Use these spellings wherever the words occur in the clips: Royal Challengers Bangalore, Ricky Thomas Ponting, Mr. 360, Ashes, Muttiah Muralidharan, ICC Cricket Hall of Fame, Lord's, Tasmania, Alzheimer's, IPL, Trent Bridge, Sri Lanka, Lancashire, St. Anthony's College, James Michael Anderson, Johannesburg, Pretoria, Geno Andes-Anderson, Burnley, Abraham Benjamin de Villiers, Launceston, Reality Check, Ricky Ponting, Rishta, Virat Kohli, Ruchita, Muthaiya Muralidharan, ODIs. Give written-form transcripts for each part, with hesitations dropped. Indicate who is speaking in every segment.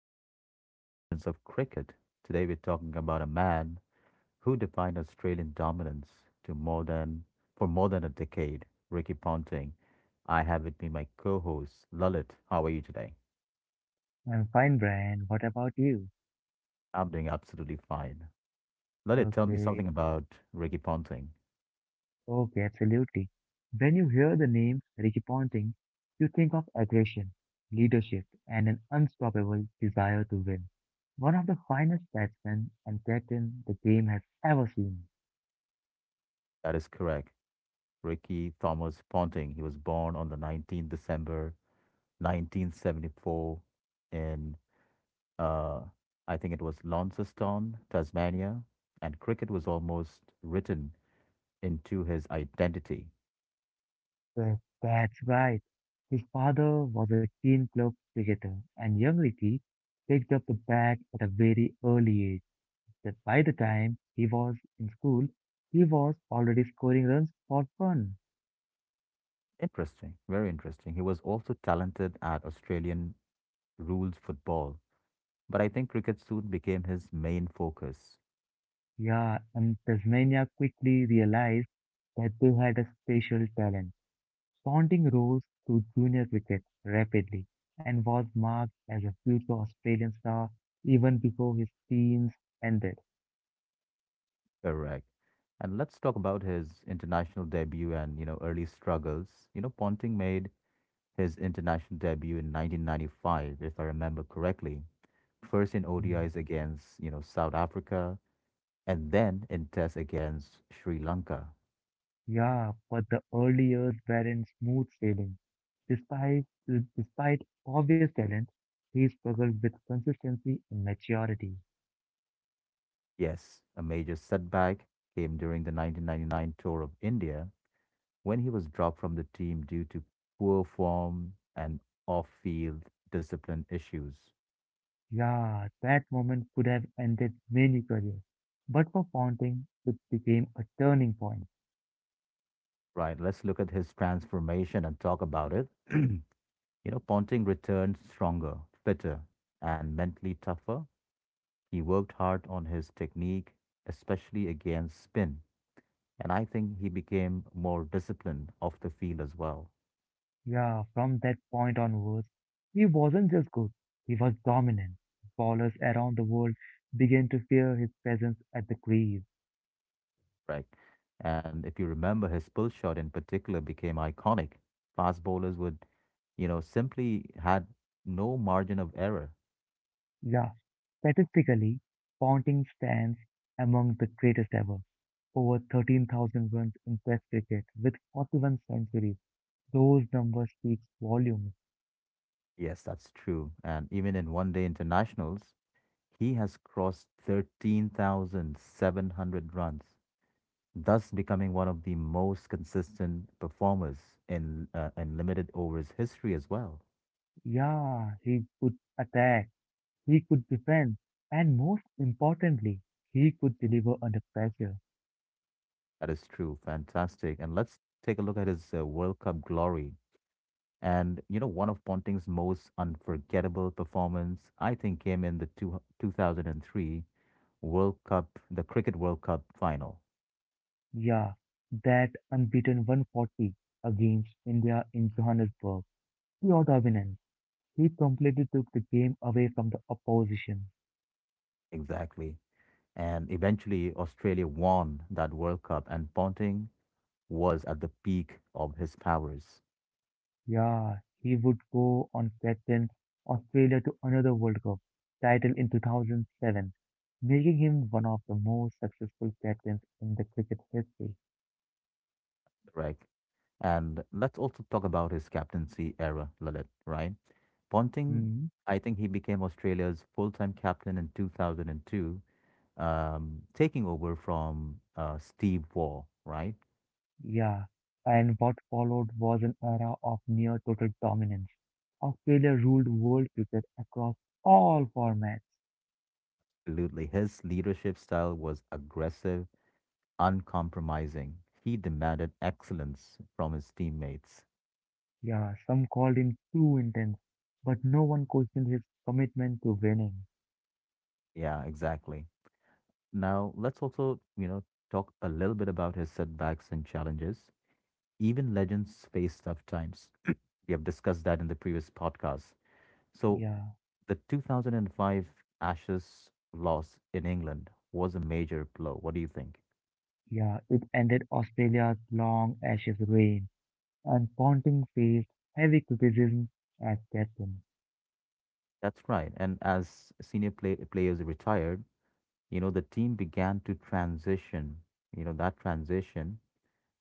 Speaker 1: welcome back to Legends of Cricket. Today, we're talking about a man who defined Australian dominance to more than for more than a decade, Ricky Ponting. I have with me my co-host Lalit. How are you today?
Speaker 2: I'm fine, Brian. What about you?
Speaker 1: I'm doing absolutely fine. Lalit, tell me
Speaker 2: Okay,
Speaker 1: something about Ricky Ponting.
Speaker 2: okay, absolutely. When you hear the name Ricky Ponting, you think of aggression, leadership, and an unstoppable desire to win. One of the finest batsmen and captain the game has ever seen.
Speaker 1: That is correct. Ricky Thomas Ponting. He was born on the 19th December 1974 in Uh, I think it was Launceston, Tasmania, and cricket was almost written into his identity.
Speaker 2: Yes, that's right. His father was a keen club cricketer, and young Ricky picked up the bat at a very early age. That by the time he was in school, he was already scoring runs for fun.
Speaker 1: Interesting, very interesting. He was also talented at Australian rules football, but I think cricket soon became his main focus.
Speaker 2: Yeah, and Tasmania quickly realized that they had a special talent. Ponting rose to junior cricket rapidly and was marked as a future Australian star even before his teens ended.
Speaker 1: Correct. And let's talk about his international debut and early struggles. Ponting made his international debut in 1995, if I remember correctly. First in
Speaker 2: Mm.
Speaker 1: ODIs against South Africa, and then in tests against Sri Lanka.
Speaker 2: Yeah, but the early years weren't smooth sailing. Despite, despite obvious talent, he struggled with consistency and maturity.
Speaker 1: Yes, a major setback came during the 1999 tour of India when he was dropped from the team due to poor form and off field discipline issues.
Speaker 2: Yeah, that moment could have ended many careers. But for Ponting, it became a turning point.
Speaker 1: Right, let's look at his transformation and talk about it. Ponting returned stronger, fitter, and mentally tougher. He worked hard on his technique, especially against spin, and I think he became more disciplined off the field as well.
Speaker 2: Yeah, from that point onwards, he wasn't just good, he was dominant. Ballers around the world began to fear his presence at the crease.
Speaker 1: Right. And if you remember, his pull shot in particular became iconic. Fast bowlers would simply had no margin of error.
Speaker 2: Yeah, statistically, Ponting stands among the greatest ever. Over 13,000 runs in Test cricket with 41 centuries. Those numbers speak volumes.
Speaker 1: Yes, that's true. And even in one day internationals, he has crossed 13,700 runs, thus becoming one of the most consistent performers in limited overs history as well.
Speaker 2: Yeah, he could attack. He could defend, and most importantly, he could deliver under pressure.
Speaker 1: That is true. Fantastic. And let's take a look at his World Cup glory. And one of Ponting's most unforgettable performance, I think, came in the 2003 World Cup, the Cricket World Cup final.
Speaker 2: Yeah, that unbeaten 140 against India in Johannesburg, pure dominance. He completely took the game away from the opposition.
Speaker 1: Exactly. And eventually, Australia won that World Cup, and Ponting was at the peak of his powers,
Speaker 2: Yeah, he would go on captain Australia to another World Cup title in 2007, making him one of the most successful captains in the cricket history.
Speaker 1: right? And let's also talk about his captaincy era, Lalit, right? Ponting,
Speaker 2: Hmm.
Speaker 1: I think he became Australia's full time captain in 2002 taking over from Steve Waugh, right?
Speaker 2: Yeah, and what followed was an era of near total dominance. Australia ruled world cricket across all formats.
Speaker 1: Absolutely. His leadership style was aggressive, uncompromising. He demanded excellence from his teammates.
Speaker 2: Yeah, some called him too intense, but no one questioned his commitment to winning.
Speaker 1: Yeah, exactly. Now, let's also talk a little bit about his setbacks and challenges. Even legends face tough times. We have discussed that in the previous podcast. So,
Speaker 2: Yeah,
Speaker 1: the 2005 Ashes loss in England was a major blow. What do you think?
Speaker 2: yeah, it ended Australia's long Ashes reign, and Ponting faced heavy criticism as captain.
Speaker 1: That's right. And as senior players retired, the team began to transition. That transition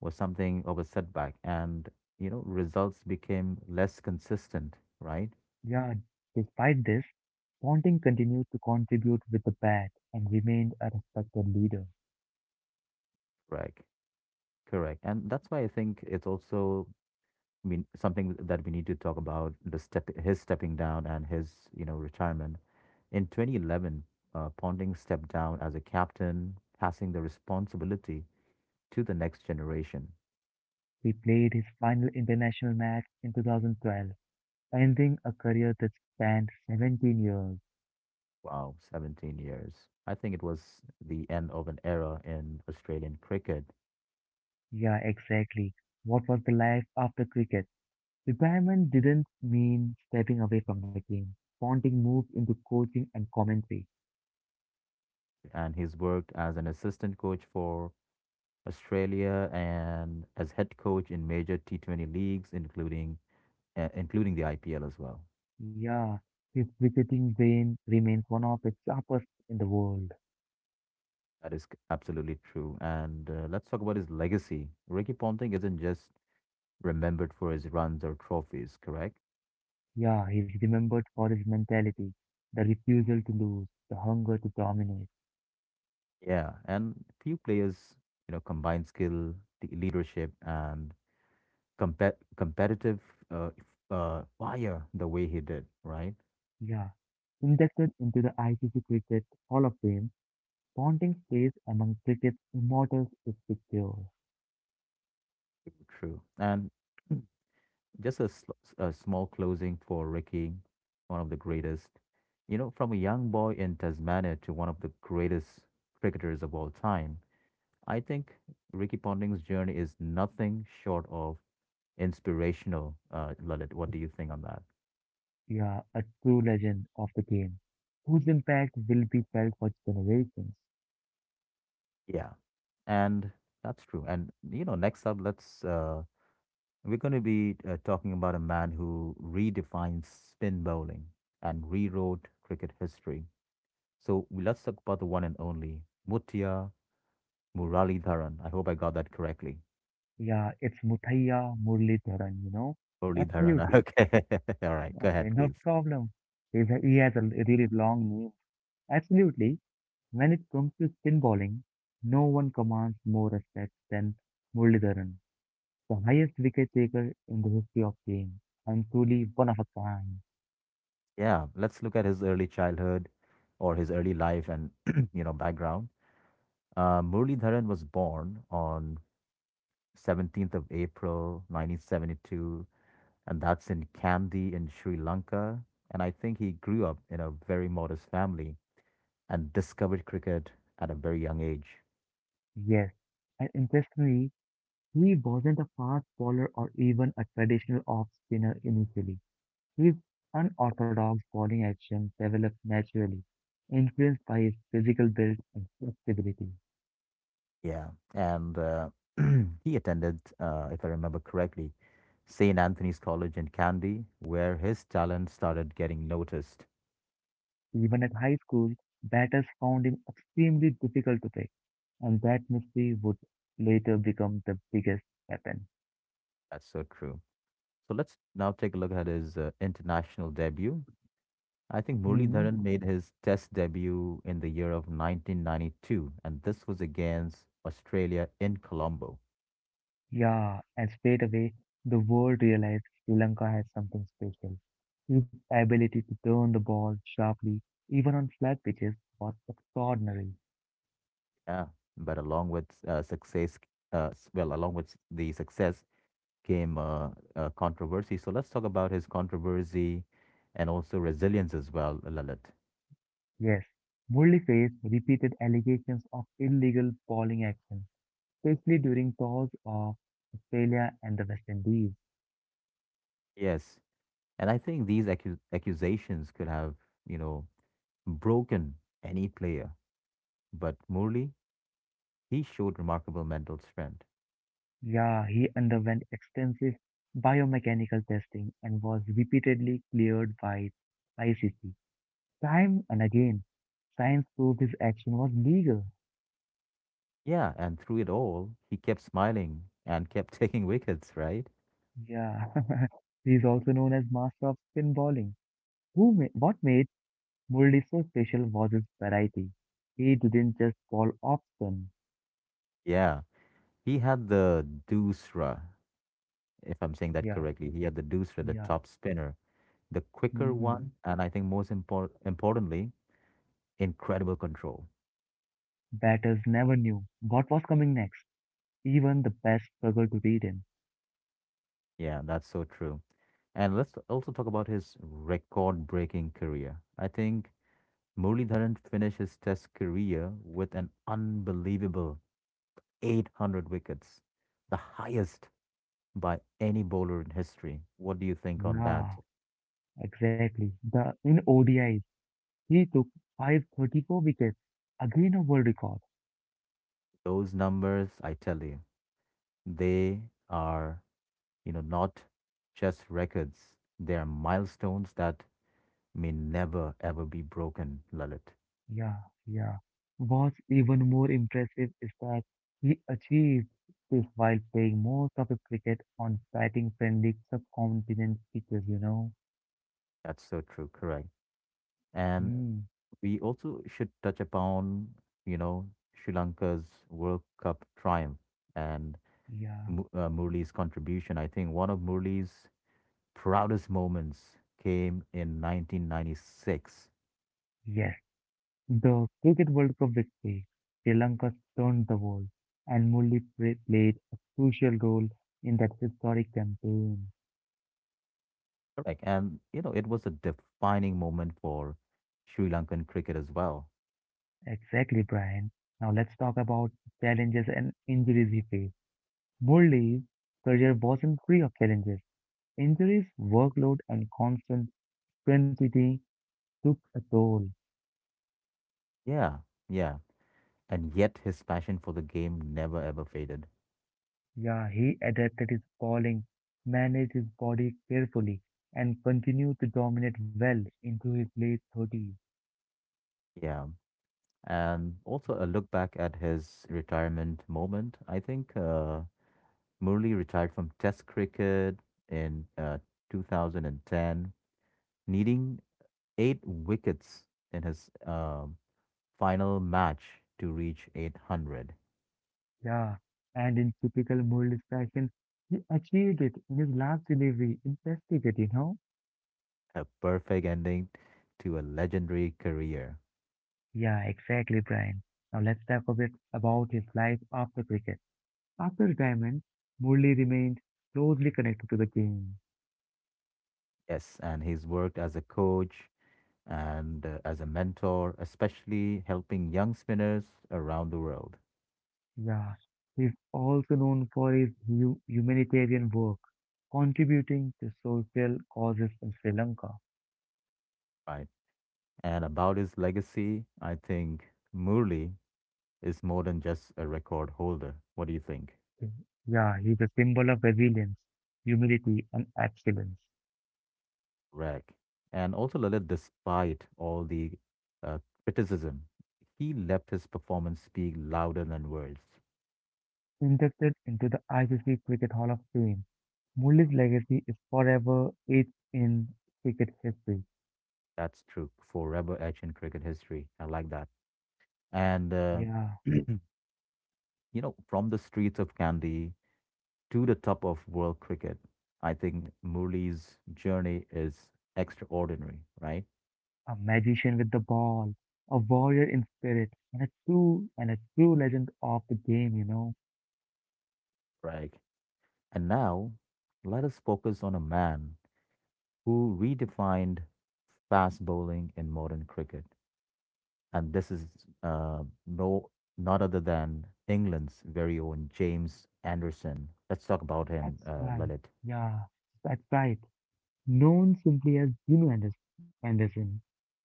Speaker 1: was something of a setback and results became less consistent, right?
Speaker 2: Yeah, despite this, Ponting continued to contribute with the bat and remained a respected leader.
Speaker 1: Correct. Correct. And that's why I think it's also, I mean, something that we need to talk about his stepping down and his retirement. In 2011, Ponding stepped down as a captain, passing the responsibility to the next generation.
Speaker 2: He played his final international match in 2012, ending a career that spanned 17 years.
Speaker 1: Wow, 17 years. I think it was the end of an era in Australian cricket,
Speaker 2: Yeah, exactly. What was the life after cricket? Retirement didn't mean stepping away from the game. Ponting moved into coaching and commentary.
Speaker 1: and he's worked as an assistant coach for Australia and as head coach in major T20 leagues, including the IPL as well.
Speaker 2: Yeah, his cricketing brain remains one of the sharpest in the world.
Speaker 1: That is absolutely true. And let's talk about his legacy. Ricky Ponting isn't just remembered for his runs or trophies, correct?
Speaker 2: Yeah, he's remembered for his mentality, the refusal to lose, the hunger to dominate.
Speaker 1: Yeah, and few players combine skill, the leadership, and competitive uh, fire the way he did, right?
Speaker 2: Yeah, inducted into the ICC Cricket Hall of Fame, Ponting's space among cricket's immortals is secure.
Speaker 1: True. And just a small closing for Ricky, one of the greatest, from a young boy in Tasmania to one of the greatest cricketers of all time. I think Ricky Ponting's journey is nothing short of inspirational, Lalit. What do you think on that?
Speaker 2: Yeah, a true legend of the game, whose impact will be felt for generations.
Speaker 1: Yeah. And that's true. And next up, let's we're going to be talking about a man who redefined spin bowling and rewrote cricket history. So let's talk about the one and only Mutia Muralidharan. I hope I got that correctly.
Speaker 2: Yeah, it's Muthaiya Muralidharan, you know?
Speaker 1: Muralidharan.
Speaker 2: Absolutely.
Speaker 1: Okay. All right. Go
Speaker 2: Okay,
Speaker 1: ahead,
Speaker 2: no
Speaker 1: please.
Speaker 2: problem. He has a really long name. Absolutely. When it comes to spin bowling, no one commands more respect than Muralidharan, the highest wicket taker in the history of game, and truly one of a kind.
Speaker 1: Yeah. Let's look at his early childhood or his early life and, background. Muralidharan was born on 17th of April, 1972, and that's in Kandy in Sri Lanka. And I think he grew up in a very modest family and discovered cricket at a very young age.
Speaker 2: Yes. And interestingly, he wasn't a fast bowler or even a traditional off spinner initially. His unorthodox bowling action developed naturally, influenced by his physical build and flexibility.
Speaker 1: Yeah. And he attended, if I remember correctly, St. Anthony's College in Kandy, where his talent started getting noticed.
Speaker 2: Even at high school, batters found him extremely difficult to pick, and that mystery would later become the biggest weapon.
Speaker 1: That's so true. So let's now take a look at his international debut. I think Murli
Speaker 2: Hmm.
Speaker 1: Dharan made his test debut in the year of 1992, and this was against Australia in Colombo.
Speaker 2: Yeah, and straight away, the world realized Sri Lanka has something special. His ability to turn the ball sharply, even on flat pitches, was extraordinary.
Speaker 1: Yeah, but along with success, well, along with the success came controversy. So let's talk about his controversy and also resilience as well, Lalit.
Speaker 2: Yes, Murli faced repeated allegations of illegal bowling action, especially during tours of Australia and the West Indies.
Speaker 1: Yes, and I think these accusations could have, you know, broken any player, but Murli, he showed remarkable mental strength.
Speaker 2: Yeah, he underwent extensive biomechanical testing and was repeatedly cleared by ICC. Time and again, science proved his action was legal.
Speaker 1: Yeah, and through it all, he kept smiling and kept taking wickets, right?
Speaker 2: Yeah. He is also known as master of spin bowling. What made Murali so special was his variety. He didn't just bowl off spin.
Speaker 1: Yeah, he had the dusra, if I'm saying that
Speaker 2: Yeah,
Speaker 1: correctly. He had the deucer, the
Speaker 2: yeah.
Speaker 1: top spinner, the quicker
Speaker 2: Hmm.
Speaker 1: one, and I think most importantly, incredible control.
Speaker 2: Batters never knew what was coming next. Even the best struggled to beat him.
Speaker 1: Yeah, that's so true. And let's also talk about his record-breaking career. I think Muralidharan finished his Test career with an unbelievable 800 wickets, the highest by any bowler in history. What do you think on that?
Speaker 2: Yeah, exactly. The in ODIs, he took 534 wickets, again a world record.
Speaker 1: Those numbers, I tell you, they are not just records. They are milestones that may never ever be broken, Lalit.
Speaker 2: Yeah, yeah. What's even more impressive is that he achieved this while playing most of his cricket on batting-friendly subcontinent pitches, you know.
Speaker 1: That's so true, correct. And
Speaker 2: Hmm.
Speaker 1: we also should touch upon, you know, Sri Lanka's World Cup triumph and
Speaker 2: Yeah.
Speaker 1: Murli's contribution. I think one of Murli's proudest moments came in 1996.
Speaker 2: Yes. The Cricket World Cup victory. Sri Lanka stunned the world, and Murli played a crucial role in that historic campaign.
Speaker 1: Correct. And it was a defining moment for Sri Lankan cricket as well.
Speaker 2: Exactly, Brian. Now let's talk about challenges and injuries he faced. Murli's career wasn't free of challenges. Injuries, workload, and constant intensity took a toll.
Speaker 1: Yeah, yeah, and yet his passion for the game never ever faded.
Speaker 2: Yeah, he adapted his bowling, managed his body carefully, and continued to dominate well into his late 30s.
Speaker 1: Yeah. And also a look back at his retirement moment. I think Murli retired from Test cricket in 2010, needing eight wickets in his final match to reach 800.
Speaker 2: Yeah, and in typical Murali fashion, he achieved it in his last delivery. Impressive, it, you know?
Speaker 1: A perfect ending to a legendary career.
Speaker 2: Yeah, exactly, Brian. Now let's talk a bit about his life after cricket. After retirement, Murali remained closely connected to the game.
Speaker 1: Yes, and he's worked as a coach, and as a mentor, especially helping young spinners around the world,
Speaker 2: Yeah, he's also known for his humanitarian work, contributing to social causes in Sri Lanka.
Speaker 1: right? And about his legacy, I think Murli is more than just a record holder. What do you think,
Speaker 2: Mm. Yeah, he's a symbol of resilience, humility, and excellence.
Speaker 1: Rag? And also, Lalit, despite all the uh, criticism, he left his performance speak louder than words.
Speaker 2: Inducted into the ICC Cricket Hall of Fame, Murali's legacy is forever etched in cricket history.
Speaker 1: That's true. Forever etched in cricket history. I like that. And,
Speaker 2: Yeah,
Speaker 1: you from the streets of Kandy to the top of world cricket, I think Murali's journey is extraordinary, right?
Speaker 2: a magician with the ball, a warrior in spirit, and a true legend of the game, you know.
Speaker 1: Right. And now, let us focus on a man who redefined fast bowling in modern cricket. And this is uh, no not other than England's very own James Anderson. Let's talk about him,
Speaker 2: That's right.
Speaker 1: Lalit.
Speaker 2: Yeah, that's right. Known simply as Anderson,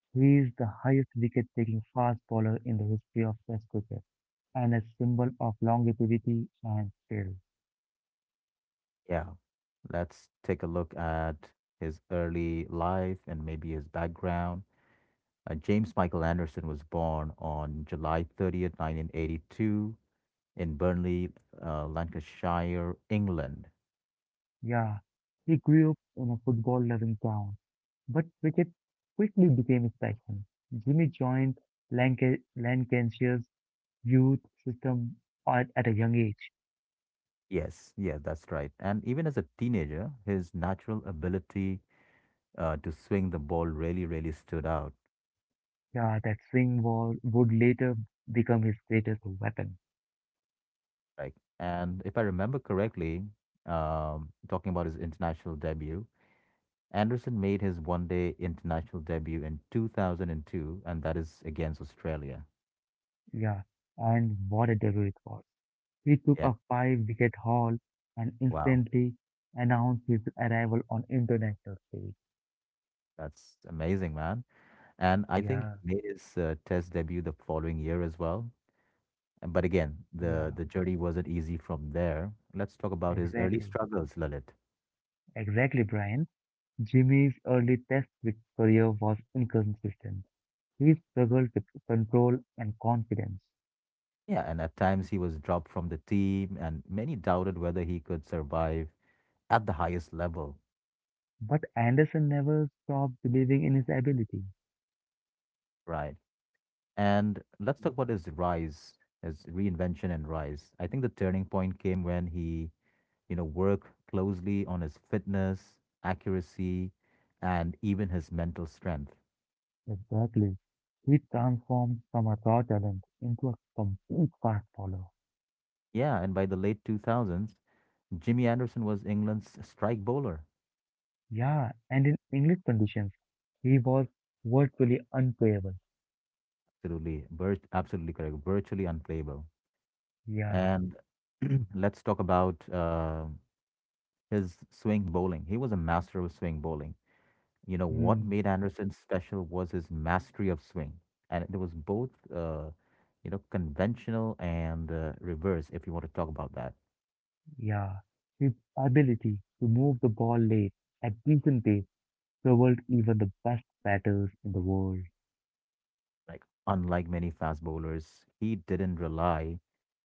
Speaker 2: he is the highest wicket-taking fast bowler in the history of Test cricket and a symbol of longevity and skill.
Speaker 1: Yeah, let's take a look at his early life and maybe his background. James Michael Anderson was born on July 30th, 1982, in Burnley, Lancashire, England.
Speaker 2: Yeah, he grew up in a football-loving town, but cricket quickly became his passion. Jimmy joined Lancashire's youth system at a young age.
Speaker 1: Yes, yeah, that's right. And even as a teenager, his natural ability to swing the ball really, really stood out.
Speaker 2: Yeah, that swing ball would later become his greatest weapon.
Speaker 1: Like, and if I remember correctly, talking about his international debut, Anderson made his one day international debut in 2002, and that is against Australia.
Speaker 2: Yeah, and what a debut it was. He took
Speaker 1: Yeah,
Speaker 2: a five-wicket haul and
Speaker 1: wow.
Speaker 2: instantly announced his arrival on international stage.
Speaker 1: That's amazing, man. And I think
Speaker 2: Yeah,
Speaker 1: he made his test debut the following year as well. But again, the,
Speaker 2: yeah,
Speaker 1: the journey wasn't easy from there. Let's talk about his early
Speaker 2: exactly.
Speaker 1: struggles, Lalit.
Speaker 2: Exactly, Brian. Jimmy's early test cricket career was inconsistent. He struggled with control and confidence.
Speaker 1: Yeah, and at times he was dropped from the team, and many doubted whether he could survive at the highest level,
Speaker 2: But Anderson never stopped believing in his ability.
Speaker 1: right? And let's talk about his rise, his reinvention and rise. I think the turning point came when he worked closely on his fitness, accuracy, and even his mental strength.
Speaker 2: Exactly. He transformed from a raw talent into a complete fast bowler.
Speaker 1: Yeah, and by the late 2000s, Jimmy Anderson was England's strike bowler.
Speaker 2: Yeah, and in English conditions, he was virtually unplayable.
Speaker 1: Absolutely, absolutely correct, virtually unplayable.
Speaker 2: Yeah,
Speaker 1: And let's talk about his swing bowling. He was a master of swing bowling. What
Speaker 2: mm,
Speaker 1: made Anderson special was his mastery of swing. And it was both, conventional and reverse, if you want to talk about that.
Speaker 2: yeah. His ability to move the ball late at decent pace troubled even the best batters in the world.
Speaker 1: Like, unlike many fast bowlers, he didn't rely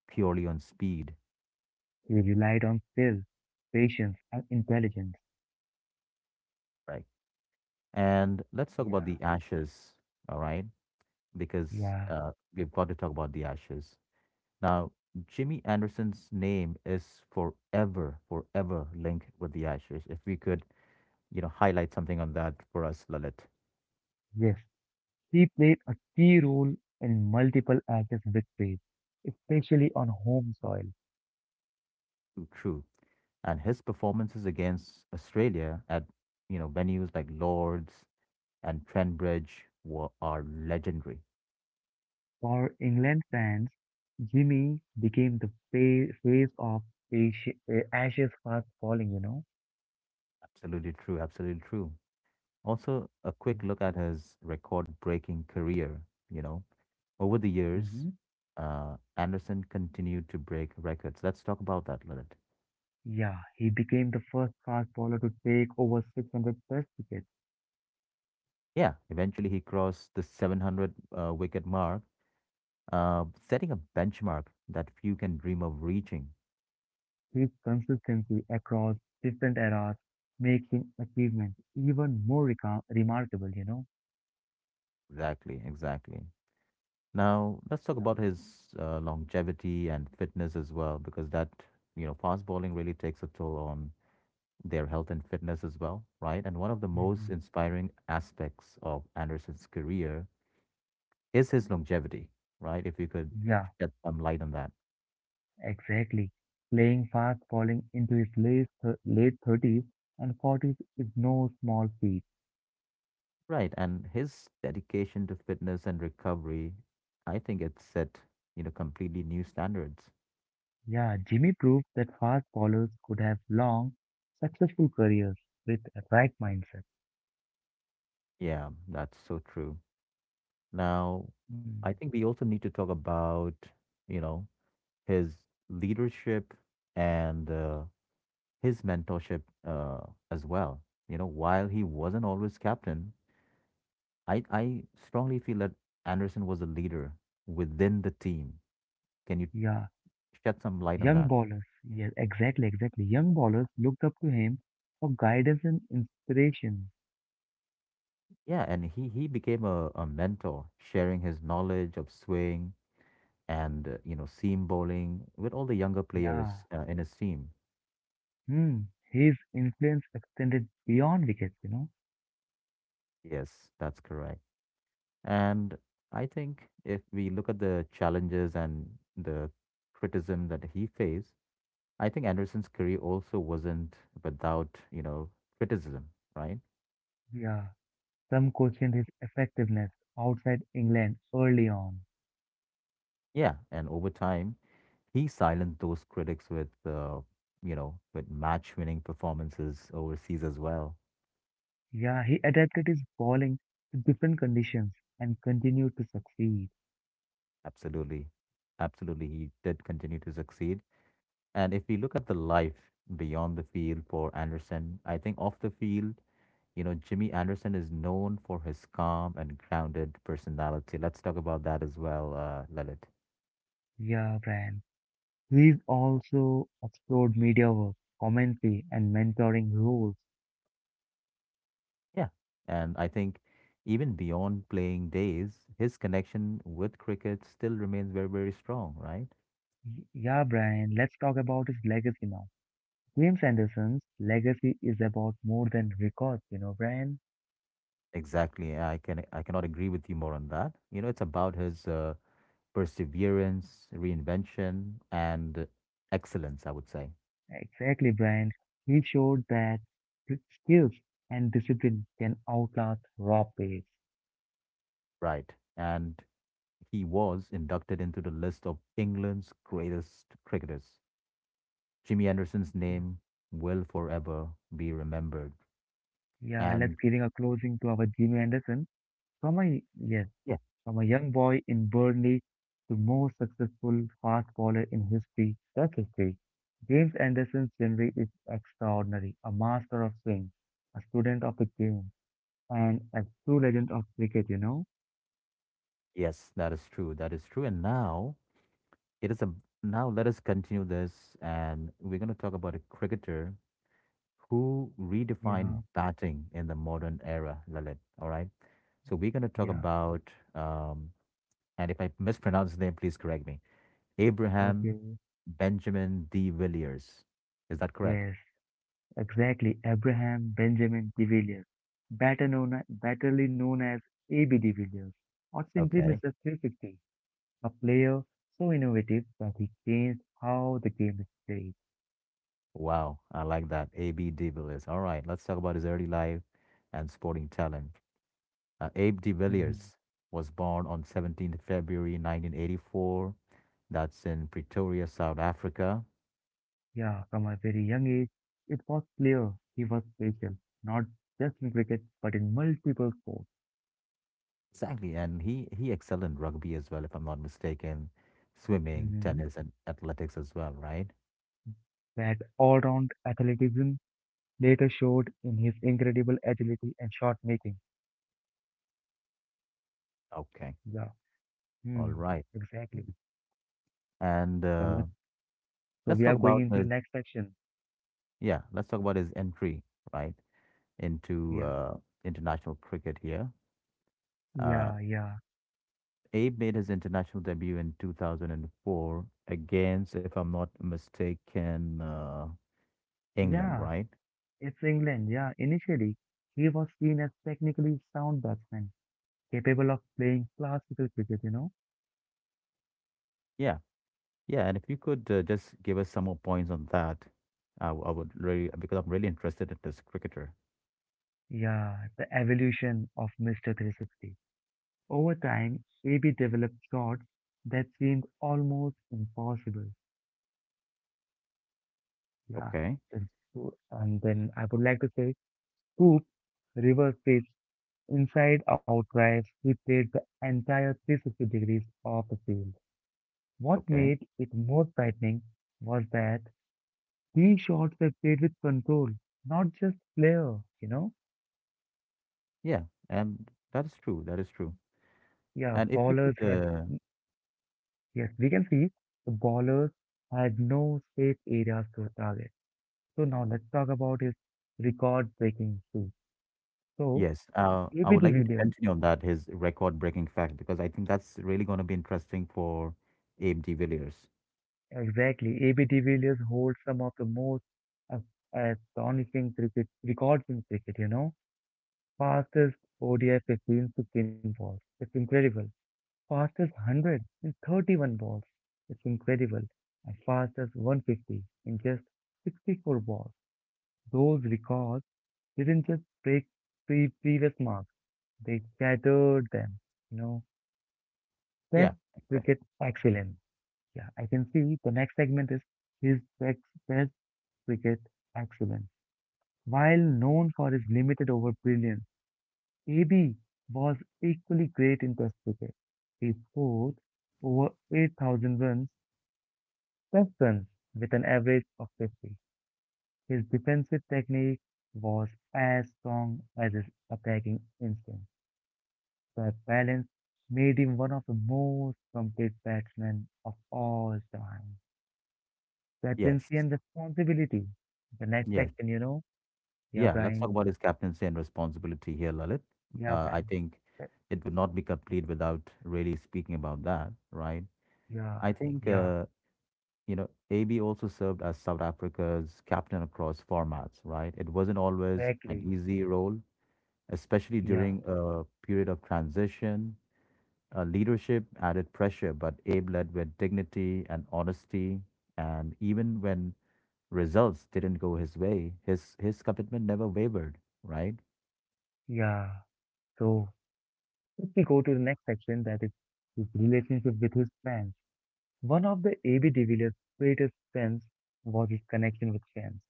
Speaker 1: purely on speed,
Speaker 2: He relied on skill, patience, and intelligence.
Speaker 1: right? And let's talk about
Speaker 2: Yeah,
Speaker 1: the Ashes, all right? Because
Speaker 2: yeah,
Speaker 1: we've got to talk about the Ashes. Now, Jimmy Anderson's name is forever, forever linked with the Ashes. If we could highlight something on that for us, Lalit.
Speaker 2: yes. He played a key role in multiple Ashes victories, especially on home soil.
Speaker 1: True. And his performances against Australia at venues like Lord's and Trent Bridge were are legendary.
Speaker 2: For England fans, Jimmy became the face of Ashes fast bowling, you know.
Speaker 1: Absolutely true, absolutely true. Also, a quick look at his record-breaking career, you know. Over the years,
Speaker 2: Mm-hmm.
Speaker 1: Anderson continued to break records. Let's talk about that a little.
Speaker 2: Yeah, he became the first fast bowler to take over 600 test wickets.
Speaker 1: Yeah, eventually he crossed the 700 wicket mark, setting a benchmark that few can dream of reaching.
Speaker 2: His consistency across different eras makes him achievement even more remarkable, you know.
Speaker 1: Exactly, exactly. Now, let's talk about his longevity and fitness as well, because that fast bowling really takes a toll on their health and fitness as well, right? And one of the
Speaker 2: Yeah.
Speaker 1: most
Speaker 2: Hmm.
Speaker 1: inspiring aspects of Anderson's career is his longevity, right? If you could
Speaker 2: Yeah,
Speaker 1: shed some light on that.
Speaker 2: exactly. Playing fast bowling into his late 30s and 40s is no small feat.
Speaker 1: Right. And his dedication to fitness and recovery, I think it set completely new standards.
Speaker 2: Yeah, Jimmy proved that fast bowlers could have long, successful careers with a right mindset.
Speaker 1: Yeah, that's so true. Now,
Speaker 2: Mm,
Speaker 1: I think we also need to talk about, you know, his leadership and his mentorship as well. You know, while he wasn't always captain, I strongly feel that Anderson was a leader within the team. Can you
Speaker 2: yeah,
Speaker 1: shed some light on
Speaker 2: young
Speaker 1: that?
Speaker 2: bowlers. Yeah, exactly, exactly. Young bowlers looked up to him for guidance and inspiration.
Speaker 1: Yeah, and he became a mentor, sharing his knowledge of swing and, seam bowling with all the younger players
Speaker 2: Yeah.
Speaker 1: in his team.
Speaker 2: Hmm. His influence extended beyond wickets, you know.
Speaker 1: Yes, that's correct. And I think if we look at the challenges and the criticism that he faced, I think Anderson's career also wasn't without, criticism, right?
Speaker 2: Yeah. Some questioned his effectiveness outside England early on.
Speaker 1: Yeah. And over time, he silenced those critics with, with match winning performances overseas as well.
Speaker 2: Yeah, he adapted his bowling to different conditions and continued to succeed.
Speaker 1: Absolutely. Absolutely. He did continue to succeed. And if we look at the life beyond the field for Anderson, I think off the field, you know, Jimmy Anderson is known for his calm and grounded personality. Let's talk about that as well, Lalit.
Speaker 2: Yeah, Brian. He's also explored media work, commentary, and mentoring roles.
Speaker 1: Yeah. And I think even beyond playing days, his connection with cricket still remains very, very strong, right?
Speaker 2: Yeah, Brian, let's talk about his legacy now. James Anderson's legacy is about more than records, you know, Brian.
Speaker 1: Exactly. I can I cannot agree with you more on that. You know, it's about his perseverance, reinvention, and excellence, I would say.
Speaker 2: Exactly, Brian. He showed that skills and discipline can outlast raw pace.
Speaker 1: Right. And he was inducted into the list of England's greatest cricketers. Jimmy Anderson's
Speaker 2: Yeah,
Speaker 1: name will forever be remembered.
Speaker 2: yeah.
Speaker 1: And
Speaker 2: Let's giving a closing to our Jimmy Anderson. From a yes,
Speaker 1: yeah,
Speaker 2: From a young boy in Burnley to most successful fast bowler in history, that's history. James Anderson's delivery is extraordinary, a master of swing, a student of the game, and a true legend of cricket, you know?
Speaker 1: yes, that is true. That is true. And now it is a now let us continue this and we're going to talk about a cricketer who redefined
Speaker 2: Yeah,
Speaker 1: batting in the modern era, Lalit. All right. So we're going to talk
Speaker 2: yeah,
Speaker 1: about um and if I mispronounce his name, please correct me. Abraham
Speaker 2: okay.
Speaker 1: Benjamin D. Villiers. Is that correct?
Speaker 2: Yes, exactly. Abraham Benjamin de Villiers, better known as AB de Villiers, or simply
Speaker 1: Okay.
Speaker 2: Mr. 350, a player so innovative that he changed how the game is played.
Speaker 1: Wow, I like that. AB de Villiers. All right, let's talk about his early life and sporting talent. Abe de
Speaker 2: Mm-hmm.
Speaker 1: Villiers was born on 17th February 1984. That's in Pretoria, South Africa.
Speaker 2: Yeah, from a very young age, it was clear he was special, not just in cricket, but in multiple sports.
Speaker 1: Exactly, and he excelled in rugby as well, if I'm not mistaken, swimming,
Speaker 2: Hmm.
Speaker 1: tennis, and athletics as well, right?
Speaker 2: That all-round athleticism later showed in his incredible agility and shot making.
Speaker 1: Okay,
Speaker 2: Yeah,
Speaker 1: all
Speaker 2: hmm,
Speaker 1: right.
Speaker 2: exactly.
Speaker 1: Mm. And
Speaker 2: So
Speaker 1: let's
Speaker 2: we
Speaker 1: talk
Speaker 2: are going
Speaker 1: about
Speaker 2: into
Speaker 1: his
Speaker 2: next section.
Speaker 1: yeah, let's talk about his entry, right, into
Speaker 2: Yeah.
Speaker 1: international cricket here. Uh,
Speaker 2: Yeah, yeah,
Speaker 1: Abe made his international debut in 2004 against, if I'm not mistaken, England,
Speaker 2: yeah.
Speaker 1: right?
Speaker 2: It's England. Yeah, initially he was seen as technically sound batsman, capable of playing classical cricket. You know.
Speaker 1: Yeah, yeah. And if you could just give us some more points on that, I would really, because I'm really interested in this cricketer.
Speaker 2: Yeah, the evolution of Mr. 360. Over time, AB developed shots that seemed almost impossible. Yeah.
Speaker 1: Okay,
Speaker 2: And then I would like to say, scoop, reverse pitch, inside out drives, he played the entire 360 degrees of the field. What
Speaker 1: okay.
Speaker 2: made it more frightening was that these shots were played with control, not just flair, you know?
Speaker 1: Yeah, and that is true. That is true.
Speaker 2: Yeah,
Speaker 1: And if you
Speaker 2: ballers
Speaker 1: could,
Speaker 2: had Yes, we can see the bowlers had no safe areas to target. So now let's talk about his record-breaking streak. So
Speaker 1: yes, I
Speaker 2: AB
Speaker 1: would
Speaker 2: de
Speaker 1: like you to
Speaker 2: Villiers,
Speaker 1: continue on that, his record-breaking fact, because I think that's really going to be interesting for Abe de Villiers.
Speaker 2: exactly, AB de Villiers holds some of the most as- astonishing cricket records in cricket. You know, fastest ODI 15 16 balls. It's incredible. Fastest 100 in 31 balls. It's incredible. And fastest 150 in just 64 balls. Those records didn't just break previous marks, they shattered them. You know,
Speaker 1: Yeah,
Speaker 2: Test
Speaker 1: exactly.
Speaker 2: cricket excellence. Yeah, I can see the next segment is his best Test cricket excellence. While known for his limited over brilliance, AB was equally great in Test cricket. He scored over 8,000 runs, Test runs, with an average of 50. His defensive technique was as strong as his attacking instinct. That balance made him one of the most complete batsmen of all time. Captaincy
Speaker 1: Yes.
Speaker 2: and responsibility. The next
Speaker 1: Yes.
Speaker 2: section, you know? Yeah,
Speaker 1: Yeah, let's talk
Speaker 2: Brian.
Speaker 1: about his captaincy and responsibility here, Lalit.
Speaker 2: Yeah,
Speaker 1: I
Speaker 2: Brian.
Speaker 1: think
Speaker 2: That-
Speaker 1: it would not be complete without really speaking about that, right?
Speaker 2: Yeah,
Speaker 1: I think,
Speaker 2: yeah,
Speaker 1: AB also served as South Africa's captain across formats, right? It wasn't always an
Speaker 2: exactly.
Speaker 1: easy role, especially
Speaker 2: Yeah,
Speaker 1: during a period of transition. Leadership added pressure, but Abe led with dignity and honesty. And even when results didn't go his way, his commitment never wavered, right?
Speaker 2: yeah. So, if we go to the next section, that is his relationship with his fans. One of the AB de Villiers' greatest strengths was his connection with fans.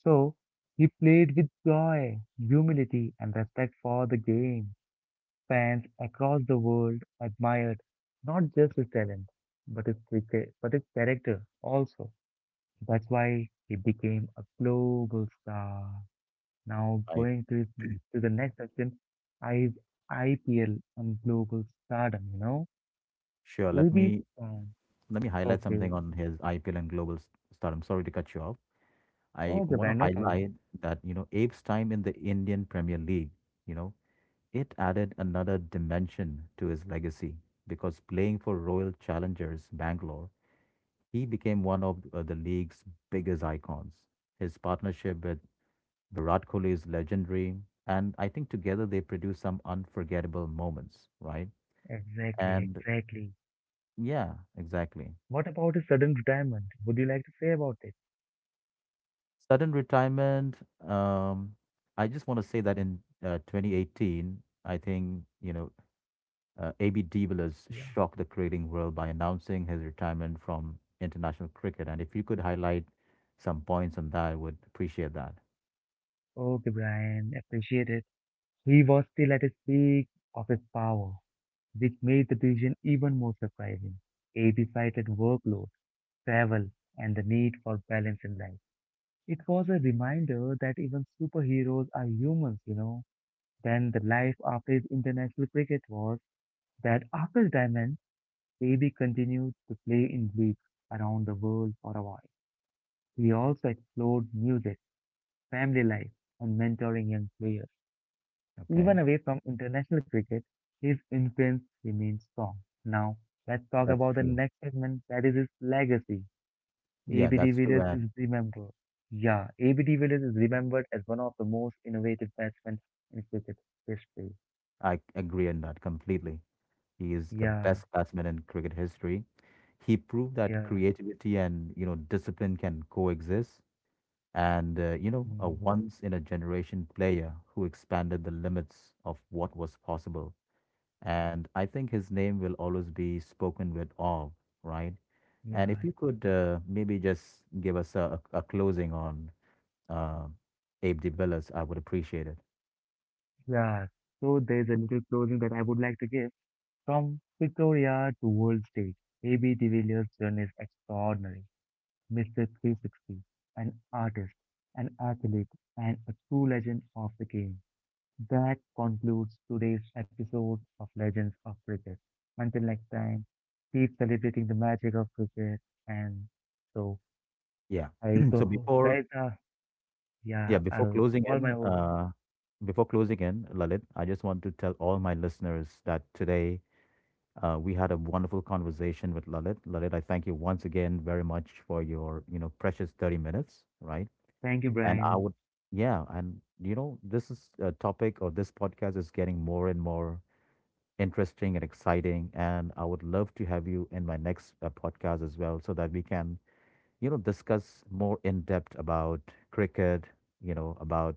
Speaker 2: So, he played with joy, humility, and respect for the game. Fans across the world admired not just his, talent, but his character also. That's why he became a global star. Now
Speaker 1: I
Speaker 2: going to the next section, is I IPL and global stardom. You know,
Speaker 1: Sure.
Speaker 2: AB's um,
Speaker 1: Let me highlight
Speaker 2: okay,
Speaker 1: something on his IPL and global s- start. I'm sorry to cut you off. I
Speaker 2: oh, okay,
Speaker 1: want to
Speaker 2: man, no problem.
Speaker 1: highlight that, you know, Abe's time in the Indian Premier League, you know, it added another dimension to his legacy because playing for Royal Challengers Bangalore, he became one of the league's biggest icons. His partnership with Virat Kohli is legendary, and I think together they produced some unforgettable moments, right?
Speaker 2: Exactly,
Speaker 1: And
Speaker 2: exactly.
Speaker 1: yeah, exactly.
Speaker 2: What about his sudden retirement? Would you like to say about it?
Speaker 1: Sudden retirement, um, I just want to say that in 2018, I think, AB de Villiers
Speaker 2: Yeah.
Speaker 1: shocked the cricketing world by announcing his retirement from international cricket. And if you could highlight some points on that, I would appreciate that.
Speaker 2: Okay, Brian, appreciate it. He was still at his peak of his power, which made the decision even more surprising. AB cited workload, travel, and the need for balance in life. It was a reminder that even superheroes are humans, you know. Then the life after his international cricket was that after retirement, AB continued to play in leagues around the world for a while. He also explored music, family life, and mentoring young players.
Speaker 1: Okay.
Speaker 2: Even away from international cricket, his influence remains strong. Now, let's talk
Speaker 1: That's
Speaker 2: about the
Speaker 1: true.
Speaker 2: next segment that is his legacy.
Speaker 1: Yeah,
Speaker 2: AB de
Speaker 1: that's true.
Speaker 2: Villiers
Speaker 1: And
Speaker 2: is remembered. Yeah, AB de Villiers is remembered as one of the most innovative batsmen in cricket history.
Speaker 1: I agree on that completely. He is the
Speaker 2: Yeah,
Speaker 1: best batsman in cricket history. He proved that
Speaker 2: yeah,
Speaker 1: creativity and, discipline can coexist. And a
Speaker 2: mm,
Speaker 1: once in a generation player who expanded the limits of what was possible. And I think his name will always be spoken with awe, right? And if
Speaker 2: yeah,
Speaker 1: you could maybe just give us a closing on uh, Abe de Villas, I would appreciate it.
Speaker 2: yeah. So there's a little closing that I would like to give. From Victoria to world stage, AB de Villiers' journey is extraordinary. Mr. 360, an artist, an athlete, and a true legend of the game. That concludes today's episode of Legends of Cricket. Until next time, keep celebrating the magic of cricket. And so,
Speaker 1: Yeah.
Speaker 2: I to
Speaker 1: So
Speaker 2: host,
Speaker 1: before,
Speaker 2: right now,
Speaker 1: yeah,
Speaker 2: yeah,
Speaker 1: before
Speaker 2: I'll
Speaker 1: closing
Speaker 2: call
Speaker 1: in,
Speaker 2: my host.
Speaker 1: uh, before closing in, Lalit, I just want to tell all my listeners that today we had a wonderful conversation with Lalit. Lalit, I thank you once again very much for your, you know, precious 30 minutes, right?
Speaker 2: Thank you,
Speaker 1: And I
Speaker 2: Brian.
Speaker 1: would, yeah, and you know, this is a topic or this podcast is getting more and more interesting and exciting. And I would love to have you in my next podcast as well so that we can, you know, discuss more in depth about cricket, you know, about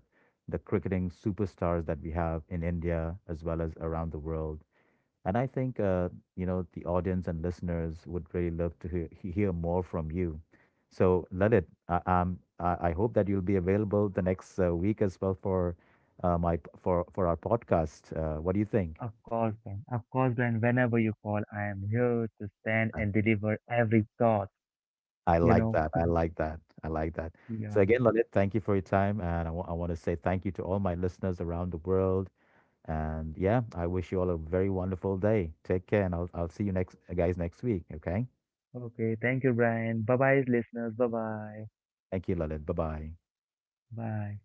Speaker 1: the cricketing superstars that we have in India as well as around the world and I think, the audience and listeners would really love to hear more from you. So, Lalit, I hope that you'll be available the next week as well for for our podcast. What do you think?
Speaker 2: Of course, Brian. Of course, Brian. Whenever you call, I am here to stand
Speaker 1: Uh,
Speaker 2: and deliver every thought.
Speaker 1: I
Speaker 2: You
Speaker 1: like
Speaker 2: know.
Speaker 1: that. I like that. I like that. So
Speaker 2: Yeah.
Speaker 1: again, Lalit, thank you for your time, and I want to say thank you to all my listeners around the world. And yeah, I wish you all a very wonderful day. Take care, and I'll see you next guys next week. Okay.
Speaker 2: Okay. Thank you, Brian. Bye bye, listeners. Bye bye.
Speaker 1: Thank you, Lalit. Bye bye.
Speaker 2: Bye